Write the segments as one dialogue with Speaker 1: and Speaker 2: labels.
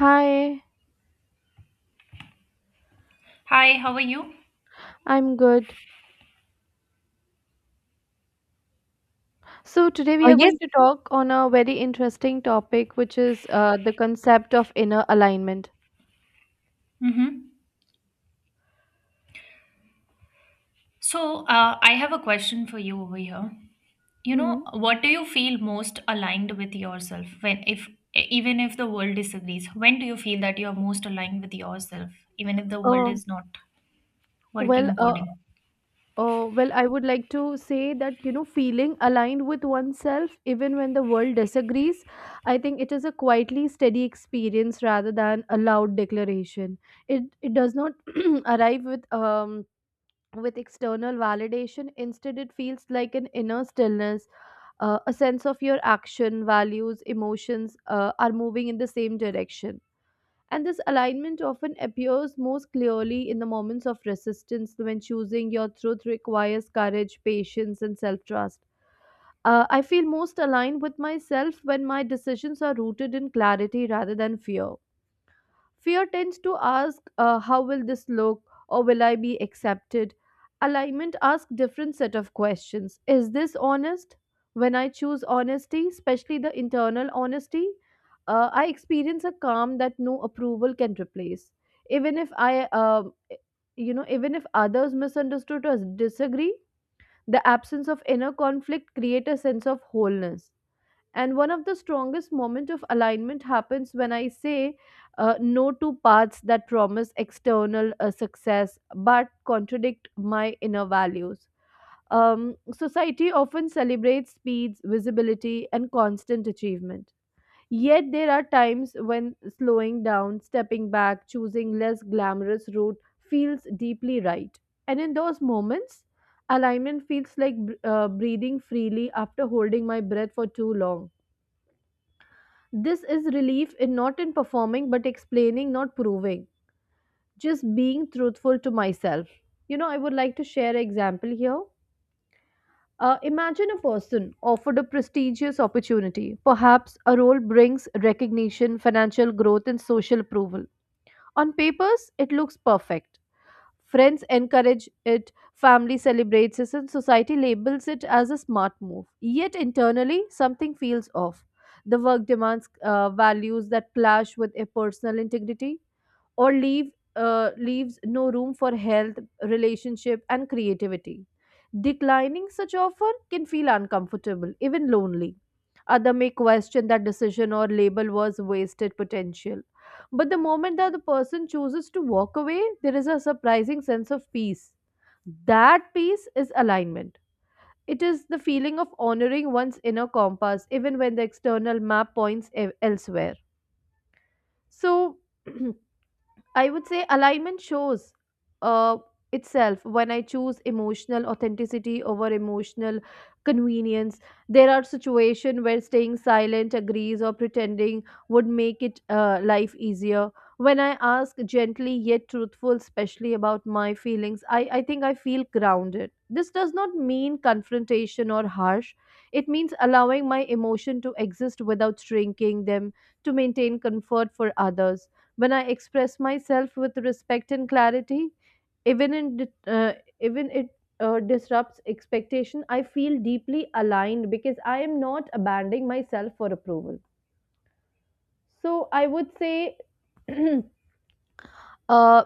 Speaker 1: Hi,
Speaker 2: Hi, how are you?
Speaker 1: I'm good. So today
Speaker 3: Oh
Speaker 1: we are
Speaker 3: yes.
Speaker 1: going to talk on a very interesting topic, which is the concept of inner alignment.
Speaker 2: Mm-hmm. So, I have a question for you over here. You
Speaker 1: Mm-hmm.
Speaker 2: know, what do you feel most aligned with yourself when, if e, even if the world disagrees? When do you feel that you are most aligned with yourself, even if the world
Speaker 1: Uh,
Speaker 2: is not working
Speaker 1: well, uh,
Speaker 2: according?
Speaker 1: I would like to say that feeling aligned with oneself, even when the world disagrees, I think it is a quietly steady experience rather than a loud declaration. It does not arrive with with external validation. Instead, it feels like an inner stillness, a sense of your action, values, emotions are moving in the same direction. And this alignment often appears most clearly in the moments of resistance when choosing your truth requires courage, patience, and self trust. I feel most aligned with myself when my decisions are rooted in clarity rather than fear. Fear tends to ask, how will this look or will I be accepted? Alignment asks different set of questions. Is this honest? When I choose honesty, especially the internal honesty, I experience a calm that no approval can replace. Even if even if others misunderstood or disagree, the absence of inner conflict create a sense of wholeness. And one of the strongest moment of alignment happens when I say no to paths that promise external success but contradict my inner values. um, Society often celebrates speeds visibility and constant achievement, yet there are times when slowing down, stepping back, choosing less glamorous route feels deeply right. And in those moments alignment feels like breathing freely after holding my breath for too long. This is relief in not in performing but explaining, not proving. Just being truthful to myself. You know, I would like to share an example here. Imagine a person offered a prestigious opportunity. Perhaps a role brings recognition, financial growth, and social approval. On papers, it looks perfect. Friends encourage it, family celebrates it, and society labels it as a smart move. Yet internally, something feels off. The work demands values that clash with a personal integrity or leaves no room for health, relationship, and creativity. Declining such offer can feel uncomfortable, even lonely. Other may question that decision or label was wasted potential. But the moment that the person chooses to walk away, there is a surprising sense of peace. That peace is alignment. It is the feeling of honoring one's inner compass even when the external map points elsewhere. So, I would say alignment shows uh, itself when I choose emotional authenticity over emotional convenience. There are situations where staying silent, agrees, or pretending would make it life easier. When I ask gently yet truthful, especially about my feelings, I think I feel grounded. This does not mean confrontation or harsh. It means allowing my emotion to exist without shrinking them to maintain comfort for others. When I express myself with respect and clarity, even in di- even it disrupts expectation, I feel deeply aligned because I am not abandoning myself for approval. So I would say uh,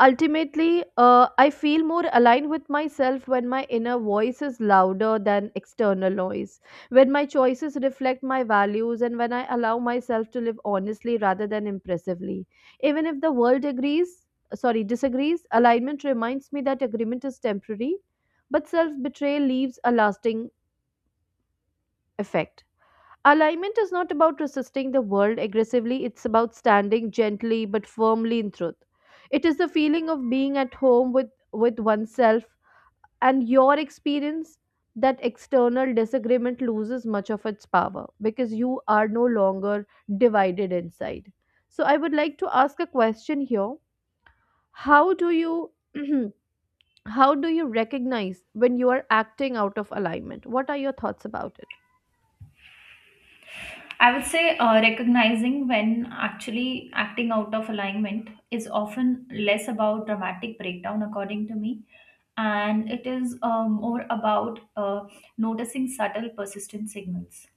Speaker 1: ultimately, I feel more aligned with myself when my inner voice is louder than external noise, when my choices reflect my values, and when I allow myself to live honestly rather than impressively. Even if the world agrees, sorry, disagrees, alignment reminds me that agreement is temporary, but self betrayal leaves a lasting effect. Alignment is not about resisting the world aggressively, it's about standing gently but firmly in truth. It is the feeling of being at home with oneself and your experience that external disagreement loses much of its power because you are no longer divided inside. So I would like to ask a question here. How do you how do you recognize when you are acting out of alignment? What are your thoughts about it?
Speaker 2: I would say recognizing when actually acting out of alignment is often less about dramatic breakdown, according to me, and it is more about noticing subtle, persistent signals.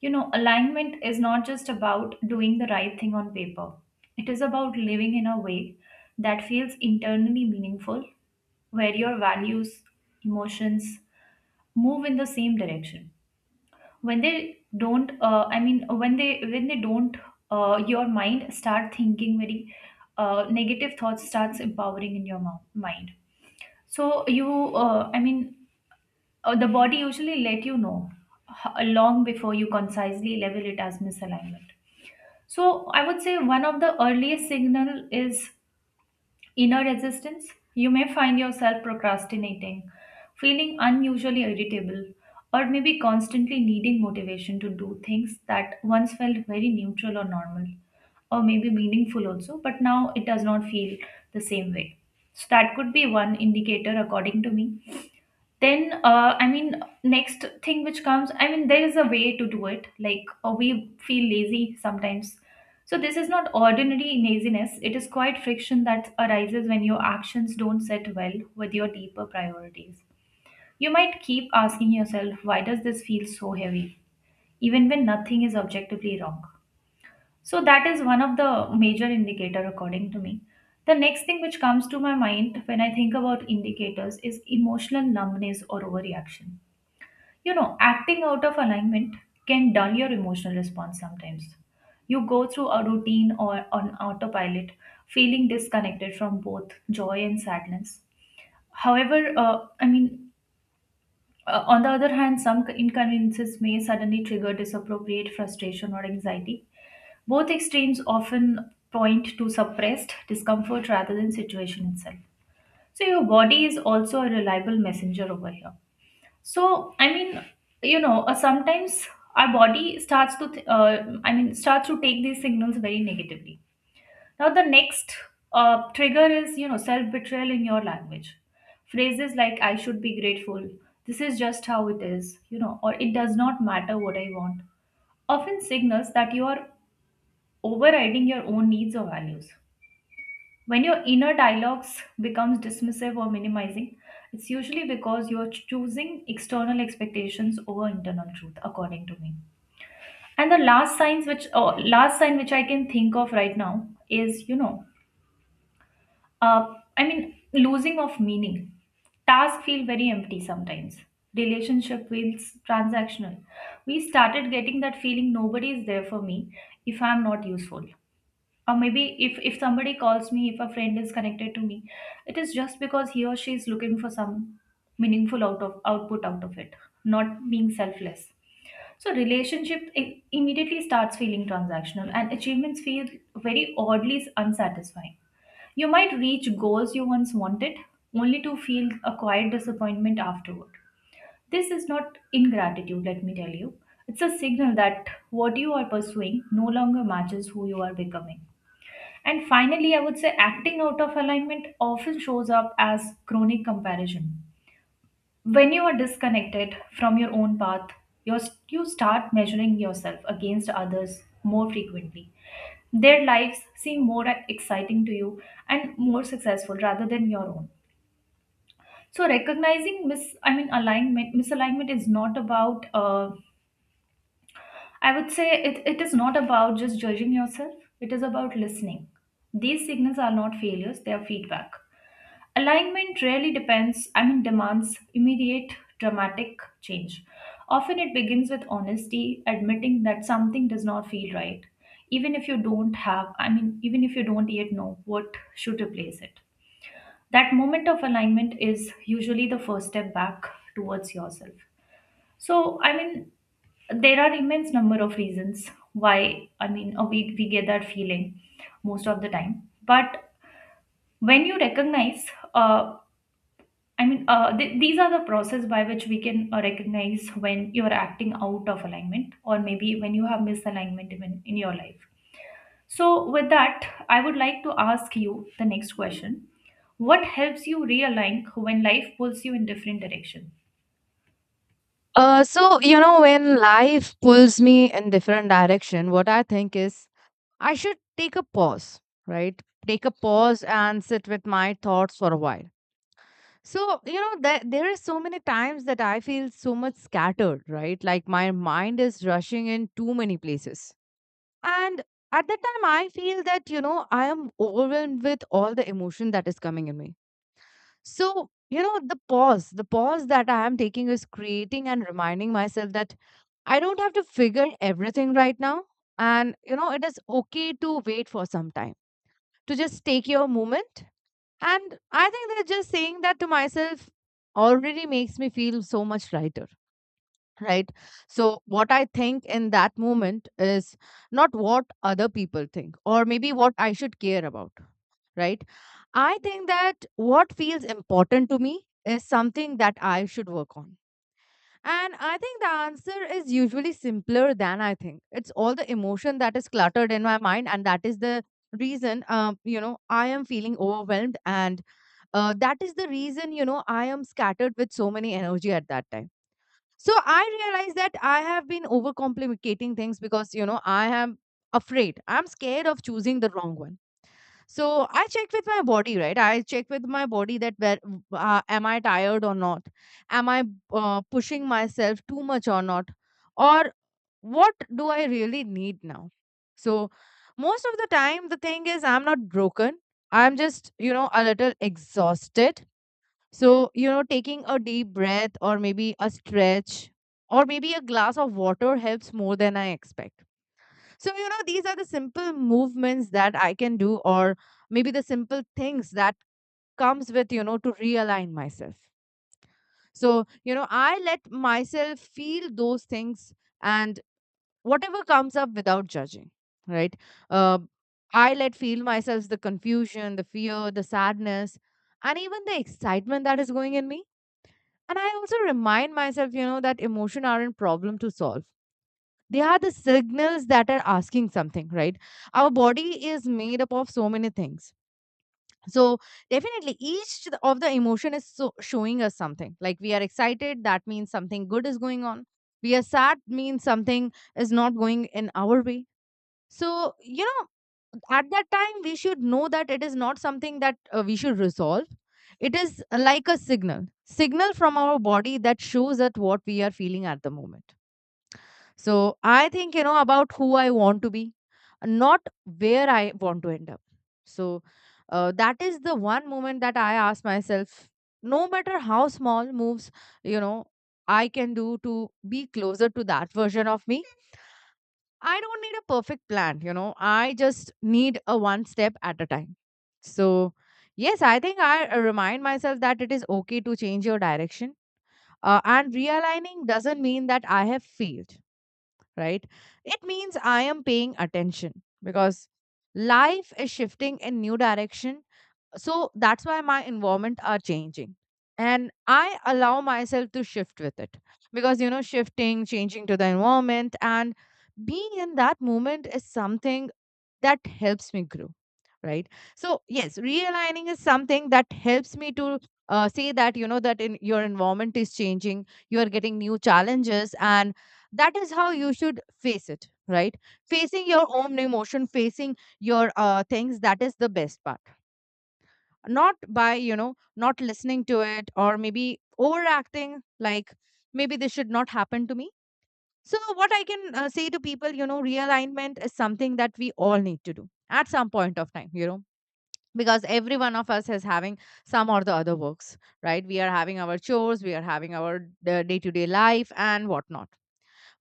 Speaker 2: You know, alignment is not just about doing the right thing on paper, it is about living in a way that feels internally meaningful, where your values, emotions move in the same direction. When they don't, when they don't, your mind start thinking very negative thoughts starts empowering in your mind. So uh, I mean, the body usually let you know long before you concisely label it as misalignment. So I would say one of the earliest signal is inner resistance. You may find yourself procrastinating, feeling unusually irritable, or maybe constantly needing motivation to do things that once felt very neutral or normal, or maybe meaningful also, but now it does not feel the same way. So that could be one indicator according to me. Then next thing which comes, there is a way to do it, like we feel lazy sometimes. So this is not ordinary laziness, it is quite friction that arises when your actions don't sit well with your deeper priorities. You might keep asking yourself, why does this feel so heavy even when nothing is objectively wrong? So that is one of the major indicator according to me. The next thing which comes to my mind when I think about indicators is emotional numbness or overreaction. You know, acting out of alignment can dull your emotional response sometimes. You go through a routine or on autopilot, feeling disconnected from both joy and sadness. However, on the other hand, some inconveniences may suddenly trigger disappropriate frustration or anxiety. Both extremes often point to suppressed discomfort rather than situation itself. So, your body is also a reliable messenger over here. So, sometimes our body starts to, starts to take these signals very negatively. Now, the next trigger is, you know, self betrayal in your language. Phrases like, I should be grateful, this is just how it is, you know, or it does not matter what I want, often signals that you are overriding your own needs or values. When your inner dialogues becomes dismissive or minimizing, it's usually because you're choosing external expectations over internal truth, according to me. And the last signs which, or last sign which I can think of right now is, you know, losing of meaning. Tasks feel very empty sometimes. Relationship feels transactional. We started getting that feeling nobody is there for me if I'm not useful, or maybe if somebody calls me, if a friend is connected to me, it is just because he or she is looking for some meaningful out of output out of it, not being selfless. So relationship immediately starts feeling transactional, and achievements feel very oddly unsatisfying. You might reach goals you once wanted only to feel a quiet disappointment afterward. This is not ingratitude, let me tell you. It's a signal that what you are pursuing no longer matches who you are becoming. And finally, I would say acting out of alignment often shows up as chronic comparison. When you are disconnected from your own path, you're, you start measuring yourself against others more frequently. Their lives seem more exciting to you and more successful rather than your own. So recognizing misalignment is not about I would say it, it is not about just judging yourself. It is about listening. These signals are not failures, they are feedback. Alignment rarely demands immediate dramatic change. Often it begins with honesty, admitting that something does not feel right, even if you don't have, I mean, even if you don't yet know what should replace it. That moment of alignment is usually the first step back towards yourself. So, there are immense number of reasons why, we get that feeling most of the time. But when you recognize uh, these are the process by which we can recognize when you are acting out of alignment, or maybe when you have misalignment even in your life. So, with that, I would like to ask you the next question: what helps you realign when life pulls you in different direction?
Speaker 3: So you know when life pulls me in different direction, what I think is I should take a pause, right? Take a pause and sit with my thoughts for a while. So you know there is so many times that I feel so much scattered, right? Like my mind is rushing in too many places, and at that time I feel that you know I am overwhelmed with all the emotion that is coming in me. So you know the pause that I am taking is creating and reminding myself that I don't have to figure everything right now. And, you know, it is okay to wait for some time, to just take your moment. And I think that just saying that to myself already makes me feel so much lighter, right? So, what I think in that moment is not what other people think or maybe what I should care about, right? I think that what feels important to me is something that I should work on, and I think the answer is usually simpler than I think. It's all the emotion that is cluttered in my mind, and that is the reason, you know, I am feeling overwhelmed, and that is the reason, you know, I am scattered with so many energy at that time. So I realize that I have been overcomplicating things because, you know, I am afraid. I'm scared of choosing the wrong one, so I checked with my body, right? I checked with my body that where, am I tired or not? Am I pushing myself too much or not? Or what do I really need now? So most of the time, the thing is I'm not broken. I'm just you know a little exhausted. So you know, taking a deep breath or maybe a stretch or maybe a glass of water helps more than I expect. So, you know, these are the simple movements that I can do, or maybe the simple things that comes with, you know, to realign myself. So, you know, I let myself feel those things and whatever comes up without judging, right? Uh, I let feel myself the confusion, the fear, the sadness, and even the excitement that is going in me. And I also remind myself, you know, that emotion aren't problem to solve, they are the signals that are asking something, right? Our body is made up of so many things, so definitely each of the emotion is so showing us something, like we are excited that means something good is going on, we are sad means something is not going in our way. So you know, at that time we should know that it is not something that we should resolve. It is, like a signal from our body that shows that what we are feeling at the moment. So I think, you know, about who I want to be, not where I want to end up. So that is the one moment that I ask myself, no matter how small moves, you know, I can do to be closer to that version of me. I don't need a perfect plan, you know, I just need a one step at a time. So, yes, I think I remind myself that it is okay to change your direction. And realigning doesn't mean that I have failed, right? It means I am paying attention because life is shifting in new direction. So that's why my environment are changing. And I allow myself to shift with it, because, you know, shifting, changing to the environment and being in that moment is something that helps me grow, right? So yes, realigning is something that helps me to say that you know that in your environment is changing, you are getting new challenges, and that is how you should face it, right? Facing your own emotion, facing your things, that is the best part. Not by you know not listening to it, or maybe overacting, like maybe this should not happen to me. So, what I can say to people, you know, realignment is something that we all need to do at some point of time, you know, because every one of us is having some or the other works, right? We are having our chores, we are having our day to day life and whatnot.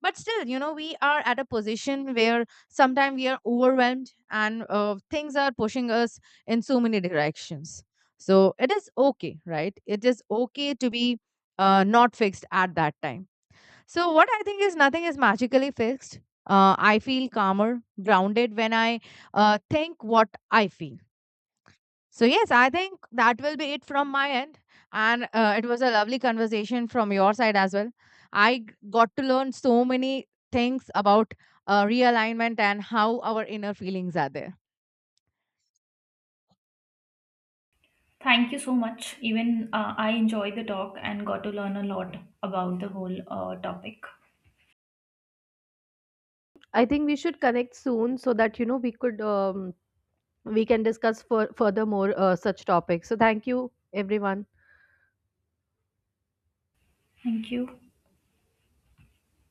Speaker 3: But still, you know, we are at a position where sometimes we are overwhelmed and things are pushing us in so many directions. So, it is okay, right? It is okay to be not fixed at that time. So, what I think is nothing is magically fixed. I feel calmer, grounded when I think what I feel. So, yes, I think that will be it from my end. And it was a lovely conversation from your side as well. I got to learn so many things about realignment and how our inner feelings are there.
Speaker 2: Thank you so much. Even I enjoyed the talk and got to learn a lot about the whole topic.
Speaker 1: I think we should connect soon so that you know we could we can discuss for further more such topics. So thank you everyone.
Speaker 2: Thank you.